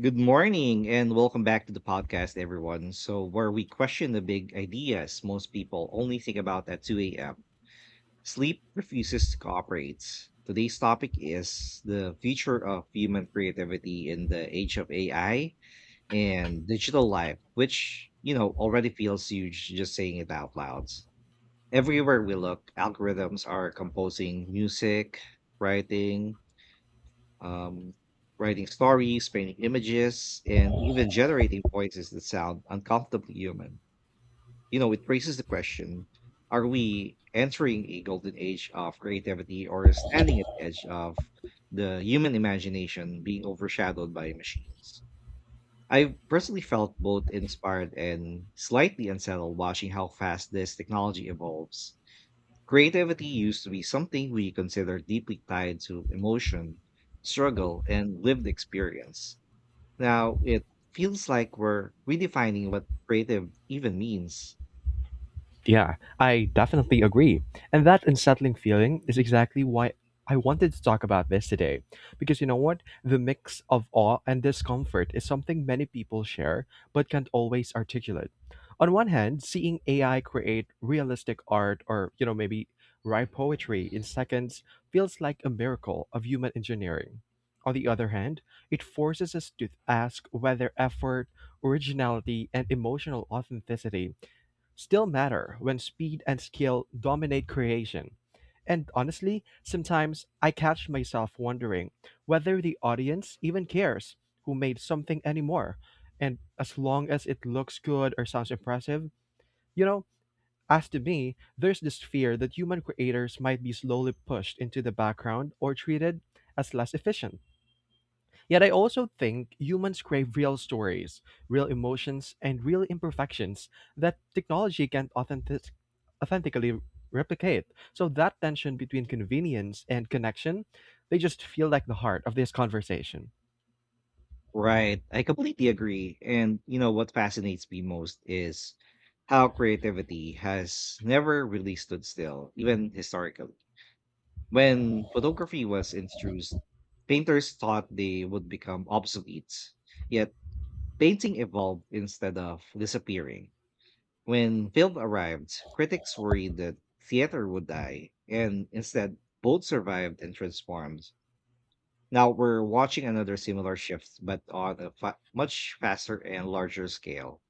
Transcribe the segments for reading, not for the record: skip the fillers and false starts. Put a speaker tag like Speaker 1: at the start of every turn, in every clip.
Speaker 1: Good morning and welcome back to the podcast, everyone. So, where we question the big ideas most people only think about at 2 a.m. Sleep refuses to cooperate. Today's topic is the future of human creativity in the age of AI and digital life, which, you know, already feels huge just saying it out loud. Everywhere we look, algorithms are composing music, writing, um, writing stories, painting images, and even generating voices that sound uncomfortably human. You know, it raises the question, are we entering a golden age of creativity or standing at the edge of the human imagination being overshadowed by machines? I personally felt both inspired and slightly unsettled watching how fast this technology evolves. Creativity used to be something we consider deeply tied to emotion, struggle, and lived experience. Now it feels like we're redefining what creative even means.
Speaker 2: Yeah, I definitely agree. And that unsettling feeling is exactly why I wanted to talk about this today. Because you know what? The mix of awe and discomfort is something many people share but can't always articulate. On one hand, seeing AI create realistic art or, you know, maybe write poetry in seconds feels like a miracle of human engineering. On the other hand, it forces us to ask whether effort, originality, and emotional authenticity still matter when speed and skill dominate creation. And honestly, sometimes I catch myself wondering whether the audience even cares who made something anymore. And as long as it looks good or sounds impressive, you know, as to me, there's this fear that human creators might be slowly pushed into the background or treated as less efficient. Yet I also think humans crave real stories, real emotions, and real imperfections that technology can't authentically replicate. So that tension between convenience and connection, they just feel like the heart of this conversation.
Speaker 1: Right, I completely agree. And you know what fascinates me most is how creativity has never really stood still, even historically. When photography was introduced, painters thought they would become obsolete. Yet painting evolved instead of disappearing. When film arrived, critics worried that theater would die, and instead, both survived and transformed. Now we're watching another similar shift, but on a much faster and larger scale.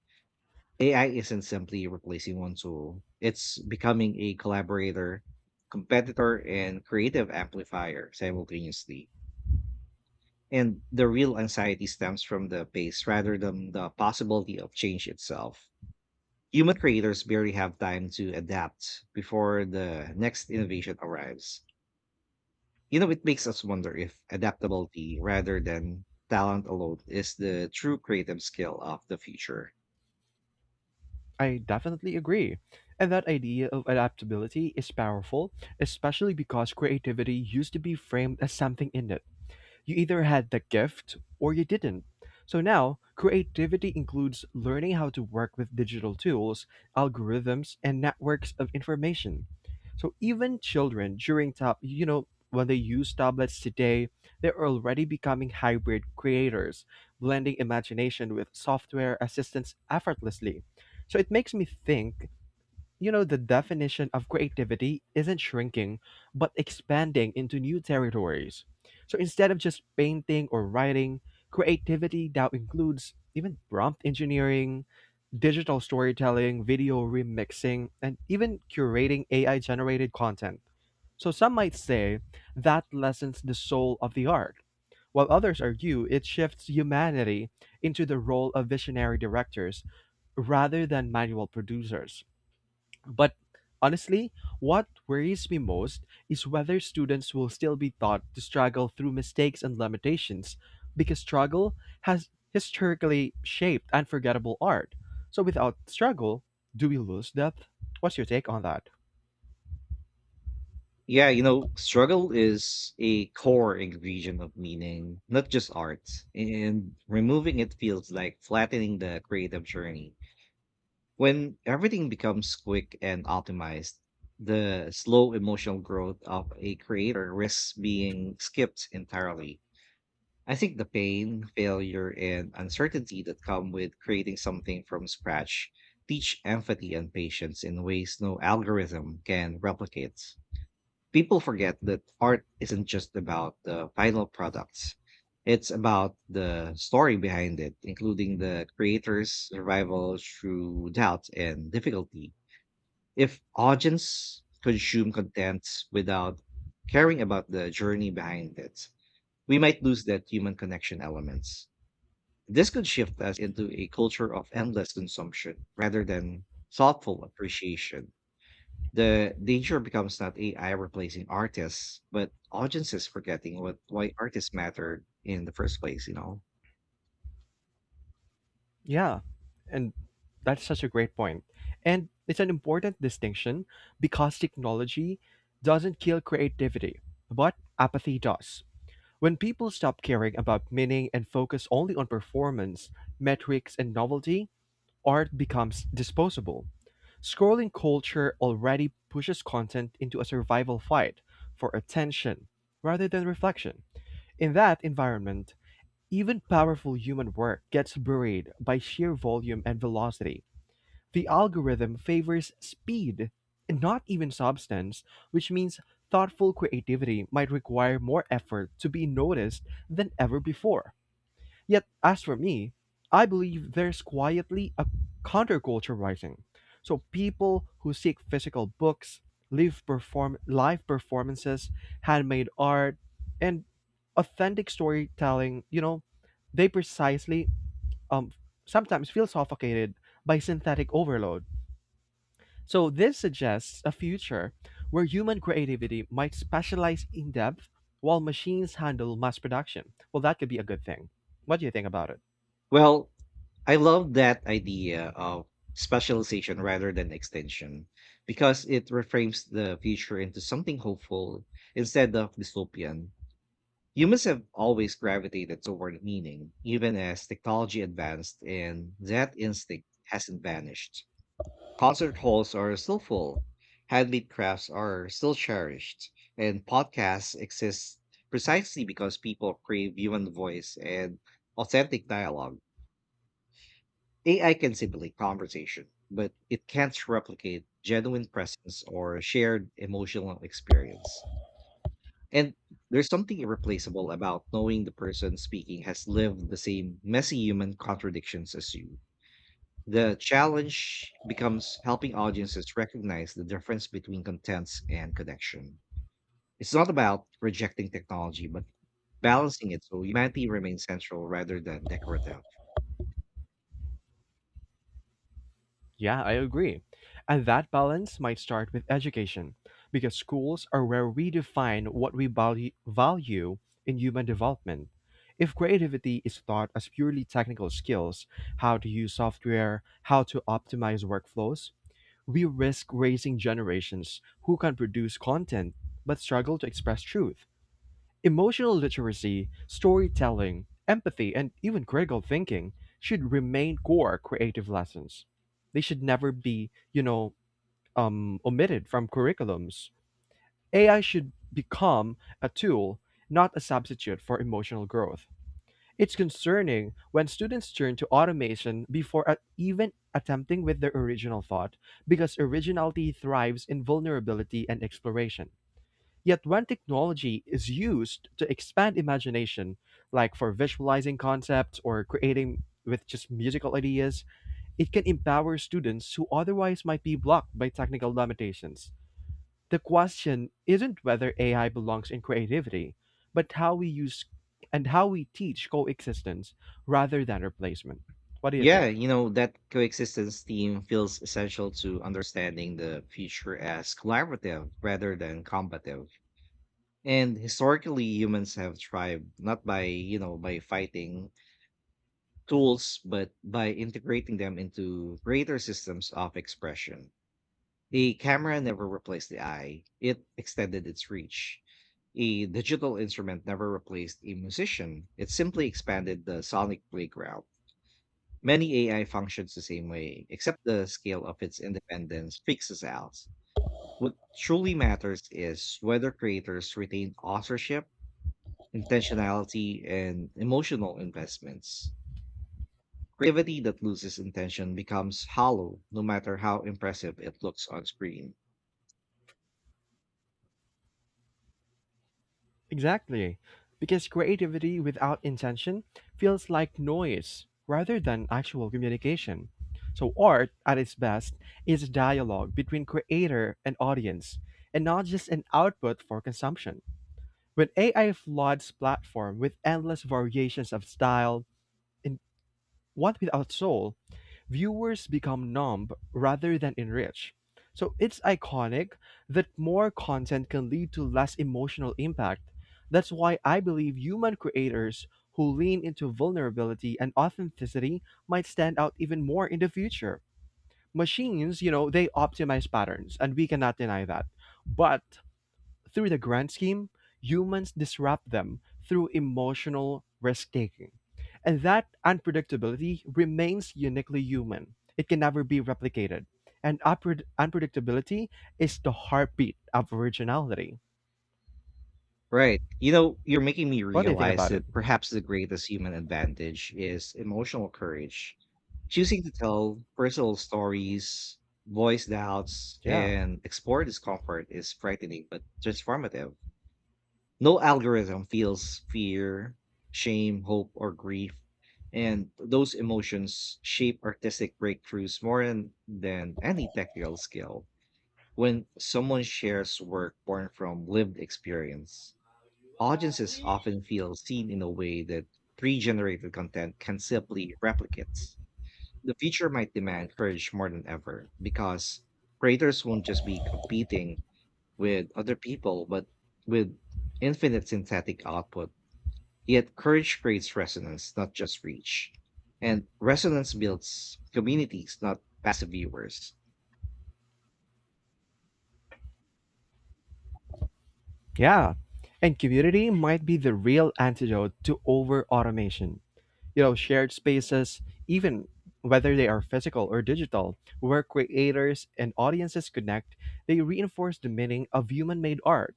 Speaker 1: AI isn't simply replacing one tool, it's becoming a collaborator, competitor, and creative amplifier simultaneously. And the real anxiety stems from the pace rather than the possibility of change itself. Human creators barely have time to adapt before the next innovation arrives. You know, it makes us wonder if adaptability rather than talent alone is the true creative skill of the future.
Speaker 2: I definitely agree. And that idea of adaptability is powerful, especially because creativity used to be framed as something innate. You either had the gift or you didn't. So now, creativity includes learning how to work with digital tools, algorithms, and networks of information. So even children you know, when they use tablets today, they're already becoming hybrid creators, blending imagination with software assistance effortlessly. So it makes me think, you know, the definition of creativity isn't shrinking, but expanding into new territories. So instead of just painting or writing, creativity now includes even prompt engineering, digital storytelling, video remixing, and even curating AI generated content. So some might say that lessens the soul of the art, while others argue it shifts humanity into the role of visionary directors rather than manual producers. But honestly, what worries me most is whether students will still be taught to struggle through mistakes and limitations, because struggle has historically shaped unforgettable art. So without struggle, do we lose depth? What's your take on that?
Speaker 1: Yeah, you know, struggle is a core ingredient of meaning, not just art. And removing it feels like flattening the creative journey. When everything becomes quick and optimized, the slow emotional growth of a creator risks being skipped entirely. I think the pain, failure, and uncertainty that come with creating something from scratch teach empathy and patience in ways no algorithm can replicate. People forget that art isn't just about the final products. It's about the story behind it, including the creator's survival through doubt and difficulty. If audience consume content without caring about the journey behind it, we might lose that human connection elements. This could shift us into a culture of endless consumption rather than thoughtful appreciation. The danger becomes not AI replacing artists, but audiences forgetting what why artists mattered in the first place.
Speaker 2: Yeah, and that's such a great point. And it's an important distinction because technology doesn't kill creativity, but apathy does. When people stop caring about meaning and focus only on performance, metrics, and novelty, art becomes disposable. Scrolling culture already pushes content into a survival fight for attention rather than reflection. In that environment, even powerful human work gets buried by sheer volume and velocity. The algorithm favors speed and not even substance, which means thoughtful creativity might require more effort to be noticed than ever before. Yet, as for me, I believe there's quietly a counterculture rising. So people who seek physical books, live performances, handmade art, and authentic storytelling, you know, they precisely um sometimes feel suffocated by synthetic overload. So this suggests a future where human creativity might specialize in depth while machines handle mass production. Well, that could be a good thing. What do you think about it?
Speaker 1: Well, I love that idea of specialization rather than extension because it reframes the future into something hopeful instead of dystopian. Humans have always gravitated toward meaning, even as technology advanced, and that instinct hasn't vanished. Concert halls are still full, handmade crafts are still cherished, and podcasts exist precisely because people crave human voice and authentic dialogue. AI can simulate conversation, but it can't replicate genuine presence or shared emotional experience. And there's something irreplaceable about knowing the person speaking has lived the same messy human contradictions as you. The challenge becomes helping audiences recognize the difference between contents and connection. It's not about rejecting technology, but balancing it so humanity remains central rather than decorative.
Speaker 2: Yeah, I agree. And that balance might start with education, because schools are where we define what we value in human development. If creativity is taught as purely technical skills, how to use software, how to optimize workflows, we risk raising generations who can produce content but struggle to express truth. Emotional literacy, storytelling, empathy, and even critical thinking should remain core creative lessons. They should never be, you know, omitted from curriculums. AI should become a tool, not a substitute for emotional growth. It's concerning when students turn to automation even attempting with their original thought, because originality thrives in vulnerability and exploration. Yet, when technology is used to expand imagination, like for visualizing concepts or creating with just musical ideas, it can empower students who otherwise might be blocked by technical limitations. The question isn't whether AI belongs in creativity, but how we use and how we teach coexistence rather than replacement. What do you
Speaker 1: Yeah,
Speaker 2: think?
Speaker 1: you know, that coexistence theme feels essential to understanding the future as collaborative rather than combative. And historically, humans have thrived not by, you know, by fighting tools, but by integrating them into greater systems of expression. The camera never replaced the eye, it extended its reach. A digital instrument never replaced a musician, it simply expanded the sonic playground. Many AI functions the same way, except the scale of its independence fixes out. What truly matters is whether creators retain authorship, intentionality, and emotional investments. Creativity that loses intention becomes hollow, no matter how impressive it looks on screen.
Speaker 2: Exactly. Because creativity without intention feels like noise rather than actual communication. So, art at its best is dialogue between creator and audience, and not just an output for consumption. When AI floods platform with endless variations of style, one without soul, viewers become numb rather than enriched. So it's iconic that more content can lead to less emotional impact. That's why I believe human creators who lean into vulnerability and authenticity might stand out even more in the future. Machines, you know, they optimize patterns, and we cannot deny that. But through the grand scheme, humans disrupt them through emotional risk taking. And that unpredictability remains uniquely human. It can never be replicated. And unpredictability is the heartbeat of originality.
Speaker 1: Right. You know, you're making me
Speaker 2: What do you think
Speaker 1: realize
Speaker 2: about it?
Speaker 1: that perhaps the greatest human advantage is emotional courage. Choosing to tell personal stories, voice doubts,
Speaker 2: Yeah.
Speaker 1: and explore discomfort is frightening but transformative. No algorithm feels fear, shame, hope, or grief. And those emotions shape artistic breakthroughs more than any technical skill. When someone shares work born from lived experience, audiences often feel seen in a way that pre-generated content can simply replicate. The future might demand courage more than ever because creators won't just be competing with other people, but with infinite synthetic output. Yet courage creates resonance, not just reach. And resonance builds communities, not passive viewers.
Speaker 2: Yeah. And community might be the real antidote to over automation. You know, shared spaces, even whether they are physical or digital, where creators and audiences connect, they reinforce the meaning of human-made art.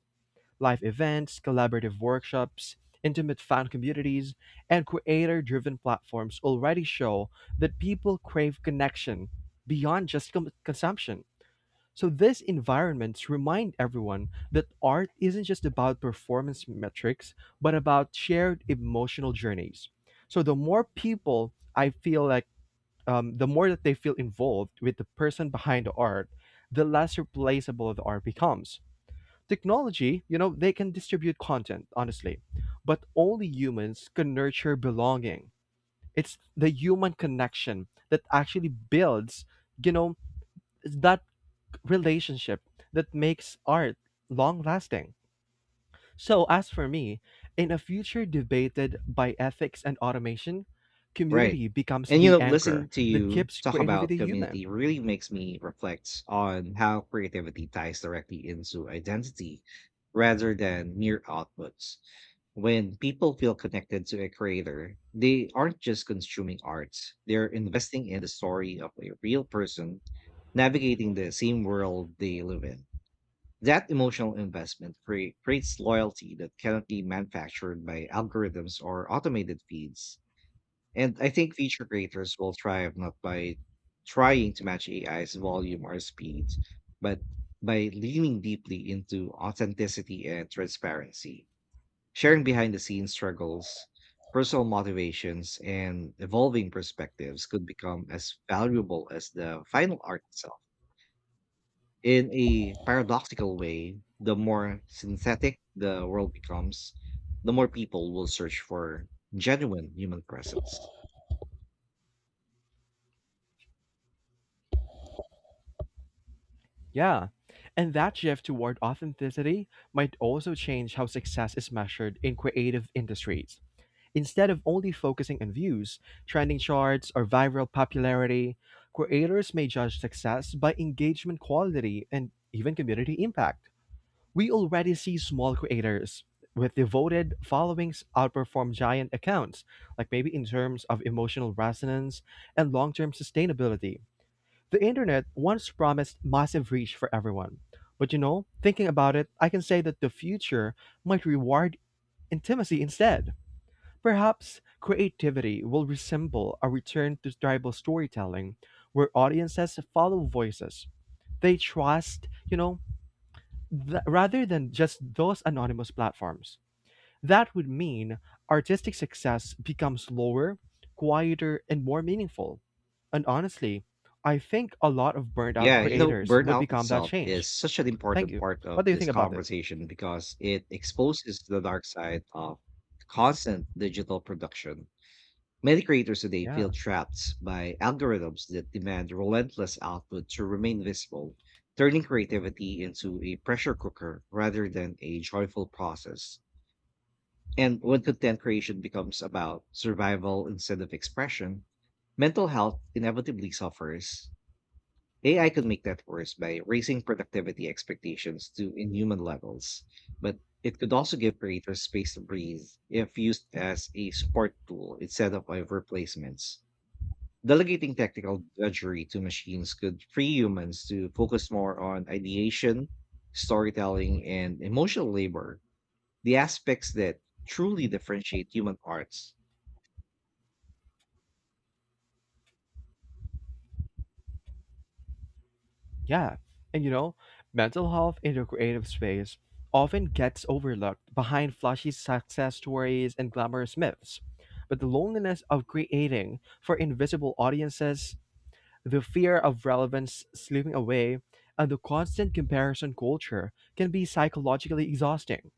Speaker 2: Live events, collaborative workshops, intimate fan communities, and creator-driven platforms already show that people crave connection beyond just consumption. So these environments remind everyone that art isn't just about performance metrics, but about shared emotional journeys. So the more people I feel like, the more that they feel involved with the person behind the art, the less replaceable the art becomes. Technology, you know, they can distribute content, honestly, but only humans can nurture belonging. It's the human connection that actually builds, you know, that relationship that makes art long lasting. So, as for me, in a future debated by ethics and automation,
Speaker 1: Right.
Speaker 2: community becomes
Speaker 1: And you
Speaker 2: the
Speaker 1: know,
Speaker 2: anchor
Speaker 1: listening to
Speaker 2: that
Speaker 1: you
Speaker 2: keeps
Speaker 1: talk about
Speaker 2: creativity human.
Speaker 1: community really makes me reflect on how creativity ties directly into identity rather than mere outputs. When people feel connected to a creator, they aren't just consuming art, they're investing in the story of a real person navigating the same world they live in. That emotional investment creates loyalty that cannot be manufactured by algorithms or automated feeds. And I think feature creators will thrive not by trying to match AI's volume or speed, but by leaning deeply into authenticity and transparency. Sharing behind the scenes struggles, personal motivations, and evolving perspectives could become as valuable as the final art itself. In a paradoxical way, the more synthetic the world becomes, the more people will search for genuine human presence.
Speaker 2: Yeah. And that shift toward authenticity might also change how success is measured in creative industries. Instead of only focusing on views, trending charts, or viral popularity, creators may judge success by engagement quality and even community impact. We already see small creators with devoted followings outperform giant accounts, like maybe in terms of emotional resonance and long term sustainability. The internet once promised massive reach for everyone. But you know, thinking about it, I can say that the future might reward intimacy instead. Perhaps creativity will resemble a return to tribal storytelling where audiences follow voices they trust, you know, rather than just those anonymous platforms. That would mean artistic success becomes lower, quieter, and more meaningful. And honestly, I think a lot of burned out
Speaker 1: Yeah, you know,
Speaker 2: creators would
Speaker 1: burnout
Speaker 2: become that
Speaker 1: itself
Speaker 2: change.
Speaker 1: is such an
Speaker 2: Thank
Speaker 1: important
Speaker 2: you.
Speaker 1: part of
Speaker 2: What do you
Speaker 1: this
Speaker 2: think about it?
Speaker 1: conversation because it exposes the dark side of constant digital production. Many creators today
Speaker 2: Yeah,
Speaker 1: feel trapped by algorithms that demand relentless output to remain visible, turning creativity into a pressure cooker rather than a joyful process. And when content creation becomes about survival instead of expression, mental health inevitably suffers. AI could make that worse by raising productivity expectations to inhuman levels, but it could also give creators space to breathe if used as a support tool instead of a replacements. Delegating technical drudgery to machines could free humans to focus more on ideation, storytelling, and emotional labor, the aspects that truly differentiate human arts.
Speaker 2: yeah. And you know, mental health in the creative space often gets overlooked behind flashy success stories and glamorous myths. But the loneliness of creating for invisible audiences, the fear of relevance slipping away, and the constant comparison culture can be psychologically exhausting.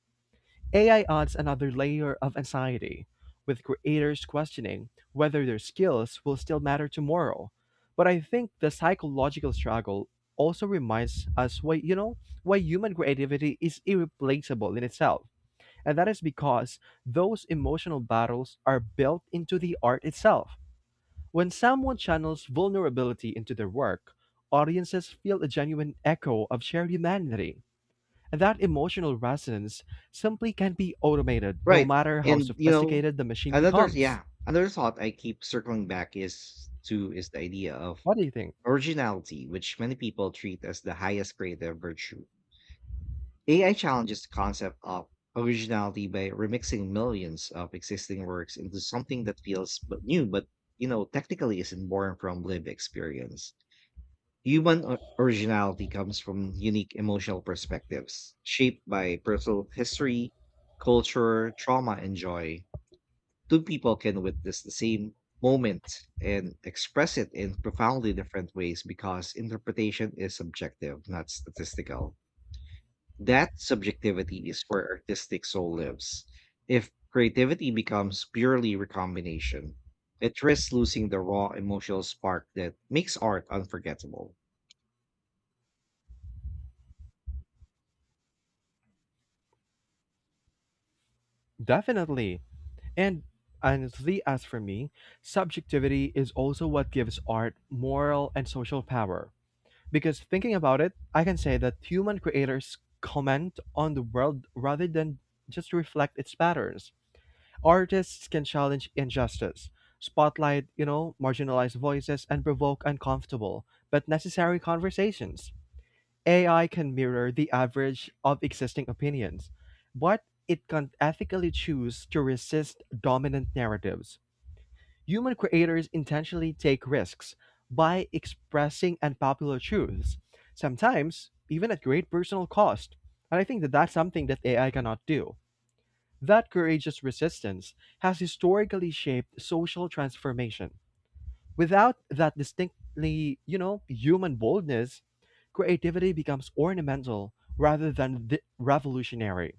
Speaker 2: AI adds another layer of anxiety, with creators questioning whether their skills will still matter tomorrow. But I think the psychological struggle also reminds us why, you know, why human creativity is irreplaceable in itself. And that is because those emotional battles are built into the art itself. When someone channels vulnerability into their work, audiences feel a genuine echo of shared humanity. And that emotional resonance simply can't be automated, no
Speaker 1: Right,
Speaker 2: matter how
Speaker 1: and, you know,
Speaker 2: sophisticated the machine
Speaker 1: another
Speaker 2: becomes.
Speaker 1: another thought I keep circling back is the idea of
Speaker 2: What do you think?
Speaker 1: originality, which many people treat as the highest creative virtue. AI challenges the concept of originality by remixing millions of existing works into something that feels but new, but, you know, technically isn't born from lived experience. Human originality comes from unique emotional perspectives shaped by personal history, culture, trauma, and joy. Two people can witness the same moment and express it in profoundly different ways because interpretation is subjective, not statistical. That subjectivity is where artistic soul lives. If creativity becomes purely recombination, it risks losing the raw emotional spark that makes art unforgettable.
Speaker 2: Definitely. And honestly, as for me, subjectivity is also what gives art moral and social power. Because thinking about it, I can say that human creators comment on the world rather than just reflect its patterns. Artists can challenge injustice, spotlight, you know, marginalized voices, and provoke uncomfortable but necessary conversations. AI can mirror the average of existing opinions, but it can ethically choose to resist dominant narratives. Human creators intentionally take risks by expressing unpopular truths, sometimes even at great personal cost. And I think that that's something that AI cannot do. That courageous resistance has historically shaped social transformation. Without that distinctly, you know, human boldness, creativity becomes ornamental rather than the revolutionary.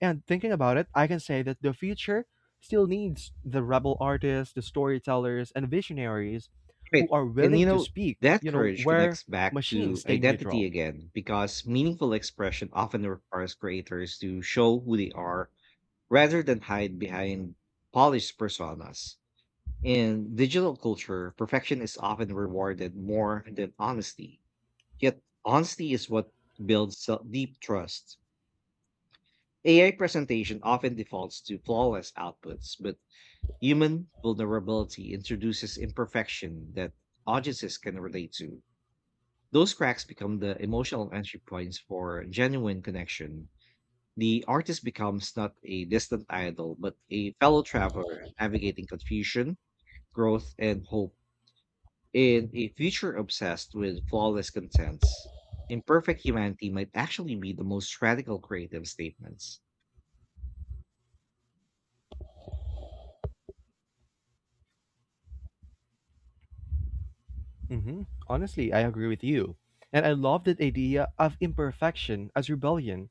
Speaker 2: And thinking about it, I can say that the future still needs the rebel artists, the storytellers, and visionaries who
Speaker 1: Right.
Speaker 2: are
Speaker 1: And you
Speaker 2: willing to
Speaker 1: know,
Speaker 2: speak,
Speaker 1: that
Speaker 2: you know,
Speaker 1: courage
Speaker 2: where
Speaker 1: connects back
Speaker 2: machines
Speaker 1: to
Speaker 2: stay
Speaker 1: identity
Speaker 2: neutral.
Speaker 1: again because meaningful expression often requires creators to show who they are rather than hide behind polished personas. In digital culture, perfection is often rewarded more than honesty. Yet, honesty is what builds deep trust. AI presentation often defaults to flawless outputs, but human vulnerability introduces imperfection that audiences can relate to. Those cracks become the emotional entry points for genuine connection. The artist becomes not a distant idol, but a fellow traveler navigating confusion, growth, and hope in a future obsessed with flawless contents. Imperfect humanity might actually be the most radical creative statements.
Speaker 2: Honestly, I agree with you. And I love that idea of imperfection as rebellion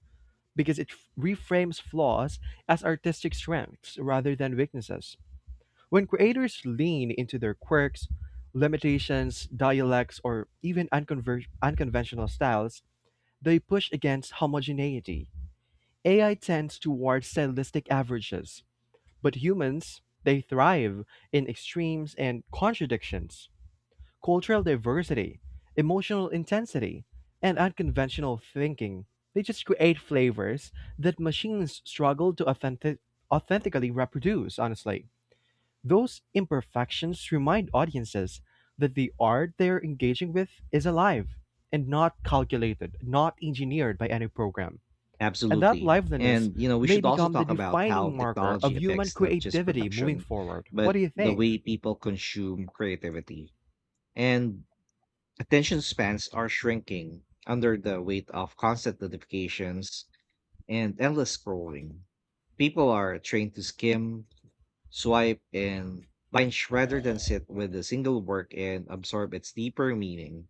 Speaker 2: because reframes flaws as artistic strengths rather than weaknesses. When creators lean into their quirks, limitations, dialects, or even unconventional styles, they push against homogeneity. AI tends toward stylistic averages, but humans, they thrive in extremes and contradictions: cultural diversity, emotional intensity, and unconventional thinking. They just create flavors that machines struggle to authentically reproduce, honestly. Those imperfections remind audiences that the art they're engaging with is alive and not calculated, not engineered by any program. And that
Speaker 1: Absolutely.
Speaker 2: liveliness
Speaker 1: And, you know, we
Speaker 2: may
Speaker 1: should also
Speaker 2: become the
Speaker 1: talk about how
Speaker 2: defining marker
Speaker 1: technology
Speaker 2: of human
Speaker 1: affects not just
Speaker 2: creativity moving
Speaker 1: production,
Speaker 2: forward. What
Speaker 1: but
Speaker 2: do you
Speaker 1: the
Speaker 2: think?
Speaker 1: way people consume creativity. And attention spans are shrinking under the weight of constant notifications, and endless scrolling. People are trained to skim, swipe, and binge rather than sit with a single work and absorb its deeper meaning.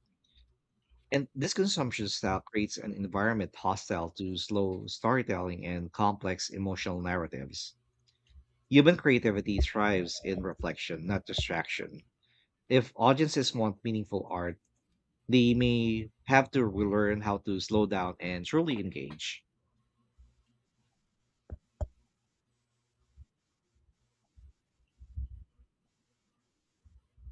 Speaker 1: And this consumption style creates an environment hostile to slow storytelling and complex emotional narratives. Human creativity thrives in reflection, not distraction. If audiences want meaningful art, they may have to relearn how to slow down and truly engage.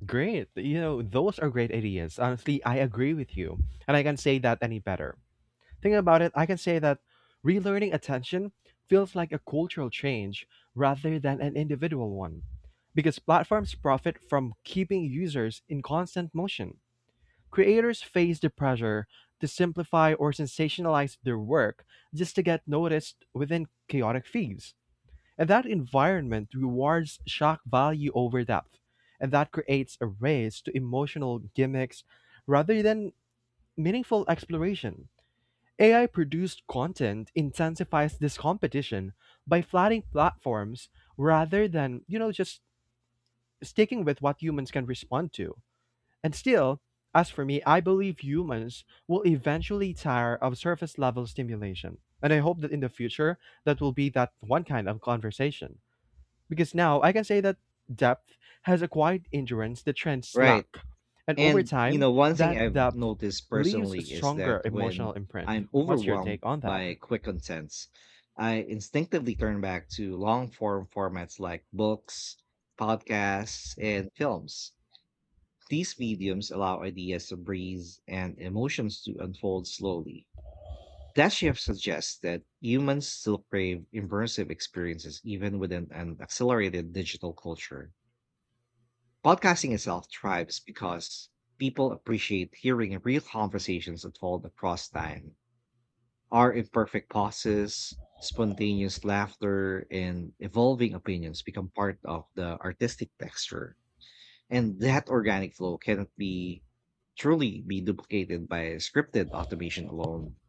Speaker 2: Great. You know, those are great ideas. Honestly, I agree with you. And I can say that any better. Think about it, I can say that relearning attention feels like a cultural change rather than an individual one. Because platforms profit from keeping users in constant motion. Creators face the pressure to simplify or sensationalize their work just to get noticed within chaotic feeds. And that environment rewards shock value over depth. And that creates a race to emotional gimmicks rather than meaningful exploration. AI produced content intensifies this competition by flattening platforms rather than, just sticking with what humans can respond to. And still, as for me, I believe humans will eventually tire of surface level stimulation. And I hope that in the future, that will be that one kind of conversation because now I can say that depth has acquired endurance the trends
Speaker 1: Right.
Speaker 2: lack. And over
Speaker 1: And you
Speaker 2: time,
Speaker 1: know, one thing
Speaker 2: that
Speaker 1: I've
Speaker 2: depth
Speaker 1: noticed
Speaker 2: leaves a
Speaker 1: personally is
Speaker 2: stronger
Speaker 1: that when
Speaker 2: emotional imprint.
Speaker 1: I'm
Speaker 2: What's your
Speaker 1: overwhelmed
Speaker 2: take on that?
Speaker 1: by quick contents, I instinctively turn back to long form formats like books, podcasts, and films. These mediums allow ideas to breathe and emotions to unfold slowly. That shift suggests that humans still crave immersive experiences even within an accelerated digital culture. Podcasting itself thrives because people appreciate hearing real conversations unfold across time. Our imperfect pauses, spontaneous laughter, and evolving opinions become part of the artistic texture. And that organic flow cannot be truly be duplicated by scripted automation alone.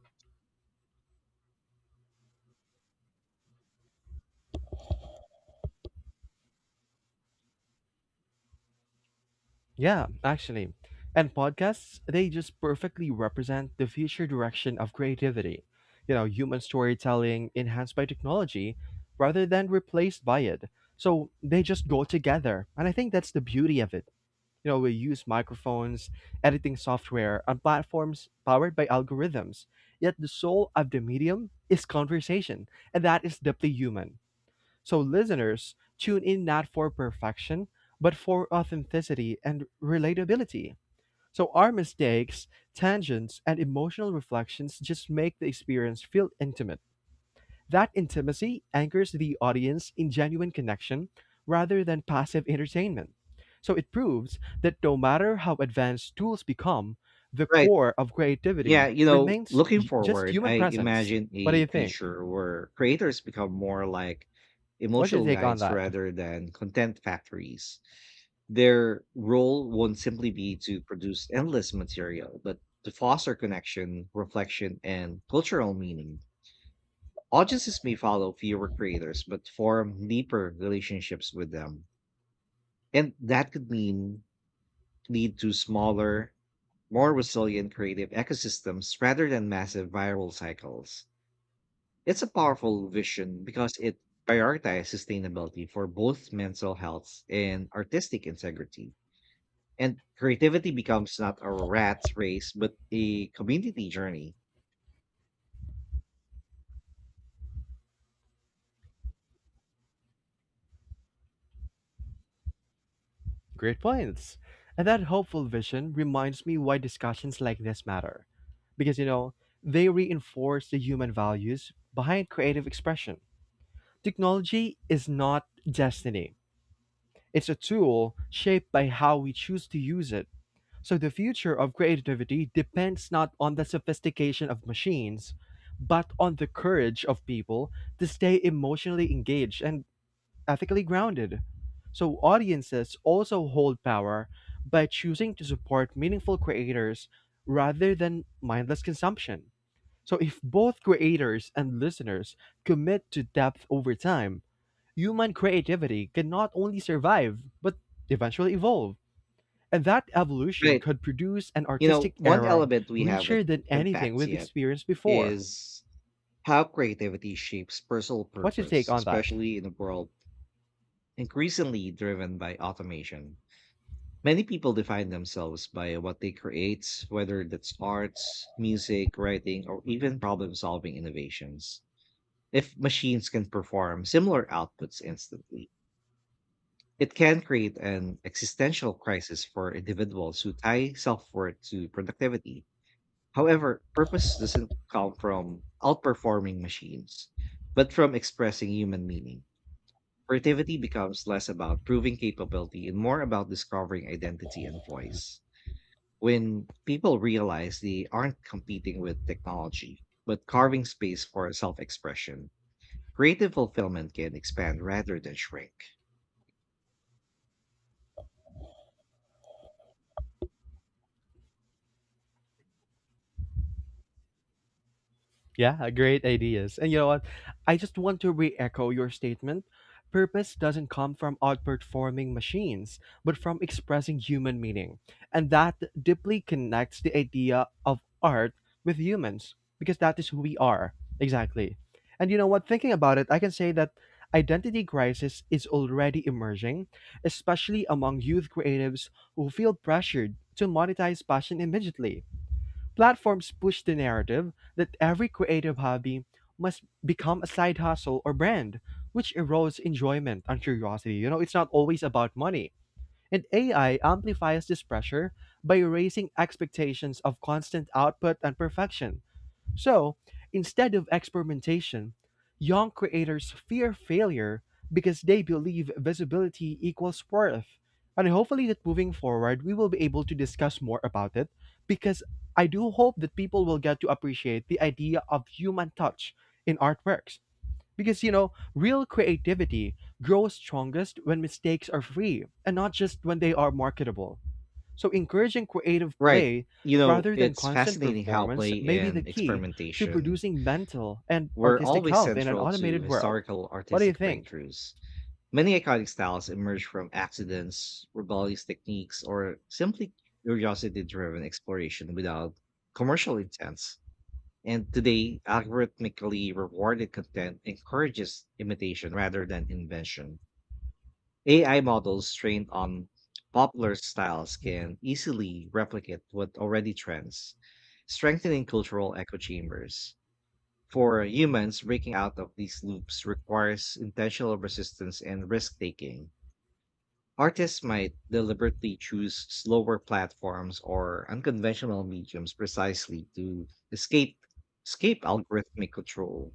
Speaker 2: Yeah, actually. And podcasts, they just perfectly represent the future direction of creativity. You know, human storytelling enhanced by technology rather than replaced by it. So they just go together. And I think that's the beauty of it. You know, we use microphones, editing software, and platforms powered by algorithms. Yet the soul of the medium is conversation, and that is deeply human. So, listeners, tune in not for perfection, but for authenticity and relatability. So, our mistakes, tangents, and emotional reflections just make the experience feel intimate. That intimacy anchors the audience in genuine connection rather than passive entertainment. So it proves that no matter how advanced tools become, the
Speaker 1: Right.
Speaker 2: core of
Speaker 1: Yeah,
Speaker 2: creativity
Speaker 1: you know,
Speaker 2: remains
Speaker 1: looking
Speaker 2: just
Speaker 1: forward,
Speaker 2: human
Speaker 1: I
Speaker 2: presence.
Speaker 1: imagine
Speaker 2: What do
Speaker 1: a
Speaker 2: you think?
Speaker 1: future where creators become more like
Speaker 2: What's your
Speaker 1: emotional
Speaker 2: take on
Speaker 1: guides
Speaker 2: that?
Speaker 1: rather than content factories. Their role won't simply be to produce endless material, but to foster connection, reflection, and cultural meaning. Audiences may follow fewer creators, but form deeper relationships with them. And that could mean lead to smaller more resilient creative ecosystems rather than massive viral cycles. It's a powerful vision because it prioritizes sustainability for both mental health and artistic integrity. And creativity becomes not a rat's race, but a community journey.
Speaker 2: Great points. And that hopeful vision reminds me why discussions like this matter. Because, you know, they reinforce the human values behind creative expression. Technology is not destiny. It's a tool shaped by how we choose to use it. So the future of creativity depends not on the sophistication of machines, but on the courage of people to stay emotionally engaged and ethically grounded. So audiences also hold power by choosing to support meaningful creators rather than mindless consumption. So if both creators and listeners commit to depth over time, human creativity can not only survive, but eventually evolve. And that evolution
Speaker 1: Right.
Speaker 2: could produce an
Speaker 1: You know,
Speaker 2: artistic
Speaker 1: one
Speaker 2: era
Speaker 1: element we haven't
Speaker 2: richer than anything
Speaker 1: unpacked
Speaker 2: we've
Speaker 1: yet
Speaker 2: experienced before.
Speaker 1: is how creativity shapes personal
Speaker 2: What's your take
Speaker 1: purpose,
Speaker 2: on that?
Speaker 1: especially in a world increasingly driven by automation. Many people define themselves by what they create, whether that's arts, music, writing, or even problem solving innovations. If machines can perform similar outputs instantly, it can create an existential crisis for individuals who tie self worth to productivity. However, purpose doesn't come from outperforming machines, but from expressing human meaning. Creativity becomes less about proving capability and more about discovering identity and voice. When people realize they aren't competing with technology, but carving space for self expression, creative fulfillment can expand rather than shrink.
Speaker 2: Yeah, great ideas. And you know what? I just want to re echo your statement. Purpose doesn't come from outperforming machines, but from expressing human meaning. And that deeply connects the idea of art with humans, because that is who we are. Exactly. And you know what? Thinking about it, I can say that identity crisis is already emerging, especially among youth creatives who feel pressured to monetize passion immediately. Platforms push the narrative that every creative hobby must become a side hustle or brand, which erodes enjoyment and curiosity. You know, it's not always about money. And AI amplifies this pressure by raising expectations of constant output and perfection. So, instead of experimentation, young creators fear failure because they believe visibility equals worth. And hopefully, that moving forward, we will be able to discuss more about it because I do hope that people will get to appreciate the idea of human touch in artworks. Because, you know, real creativity grows strongest when mistakes are free and not just when they are marketable. So, encouraging creative
Speaker 1: Right.
Speaker 2: play
Speaker 1: You know,
Speaker 2: rather than
Speaker 1: it's
Speaker 2: constant
Speaker 1: fascinating how
Speaker 2: performance may
Speaker 1: play
Speaker 2: be the
Speaker 1: and
Speaker 2: key to
Speaker 1: experimentation
Speaker 2: producing mental and
Speaker 1: were
Speaker 2: artistic
Speaker 1: always
Speaker 2: health in an
Speaker 1: central to
Speaker 2: automated world.
Speaker 1: historical
Speaker 2: What do you
Speaker 1: artistic
Speaker 2: think?
Speaker 1: breakthroughs. Many iconic styles emerged from accidents, rebellious techniques, or simply curiosity driven exploration without commercial intents. And today, algorithmically rewarded content encourages imitation rather than invention. AI models trained on popular styles
Speaker 2: Hmm.
Speaker 1: can easily replicate what already trends, strengthening cultural echo chambers. For humans, breaking out of these loops requires intentional resistance and risk taking. Artists might deliberately choose slower platforms or unconventional mediums precisely to escape escape algorithmic control.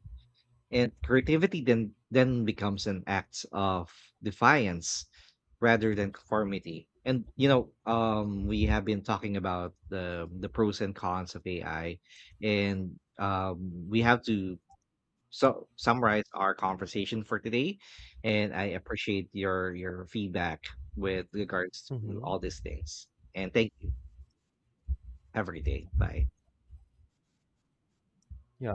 Speaker 1: And creativity then becomes an act of defiance rather than conformity. And you know, we have been talking about the pros and cons of AI, and we have to summarize our conversation for today. And I appreciate your feedback with regards to
Speaker 2: Hmm.
Speaker 1: all these things. And thank you. Have a great day. Bye.
Speaker 2: Yeah,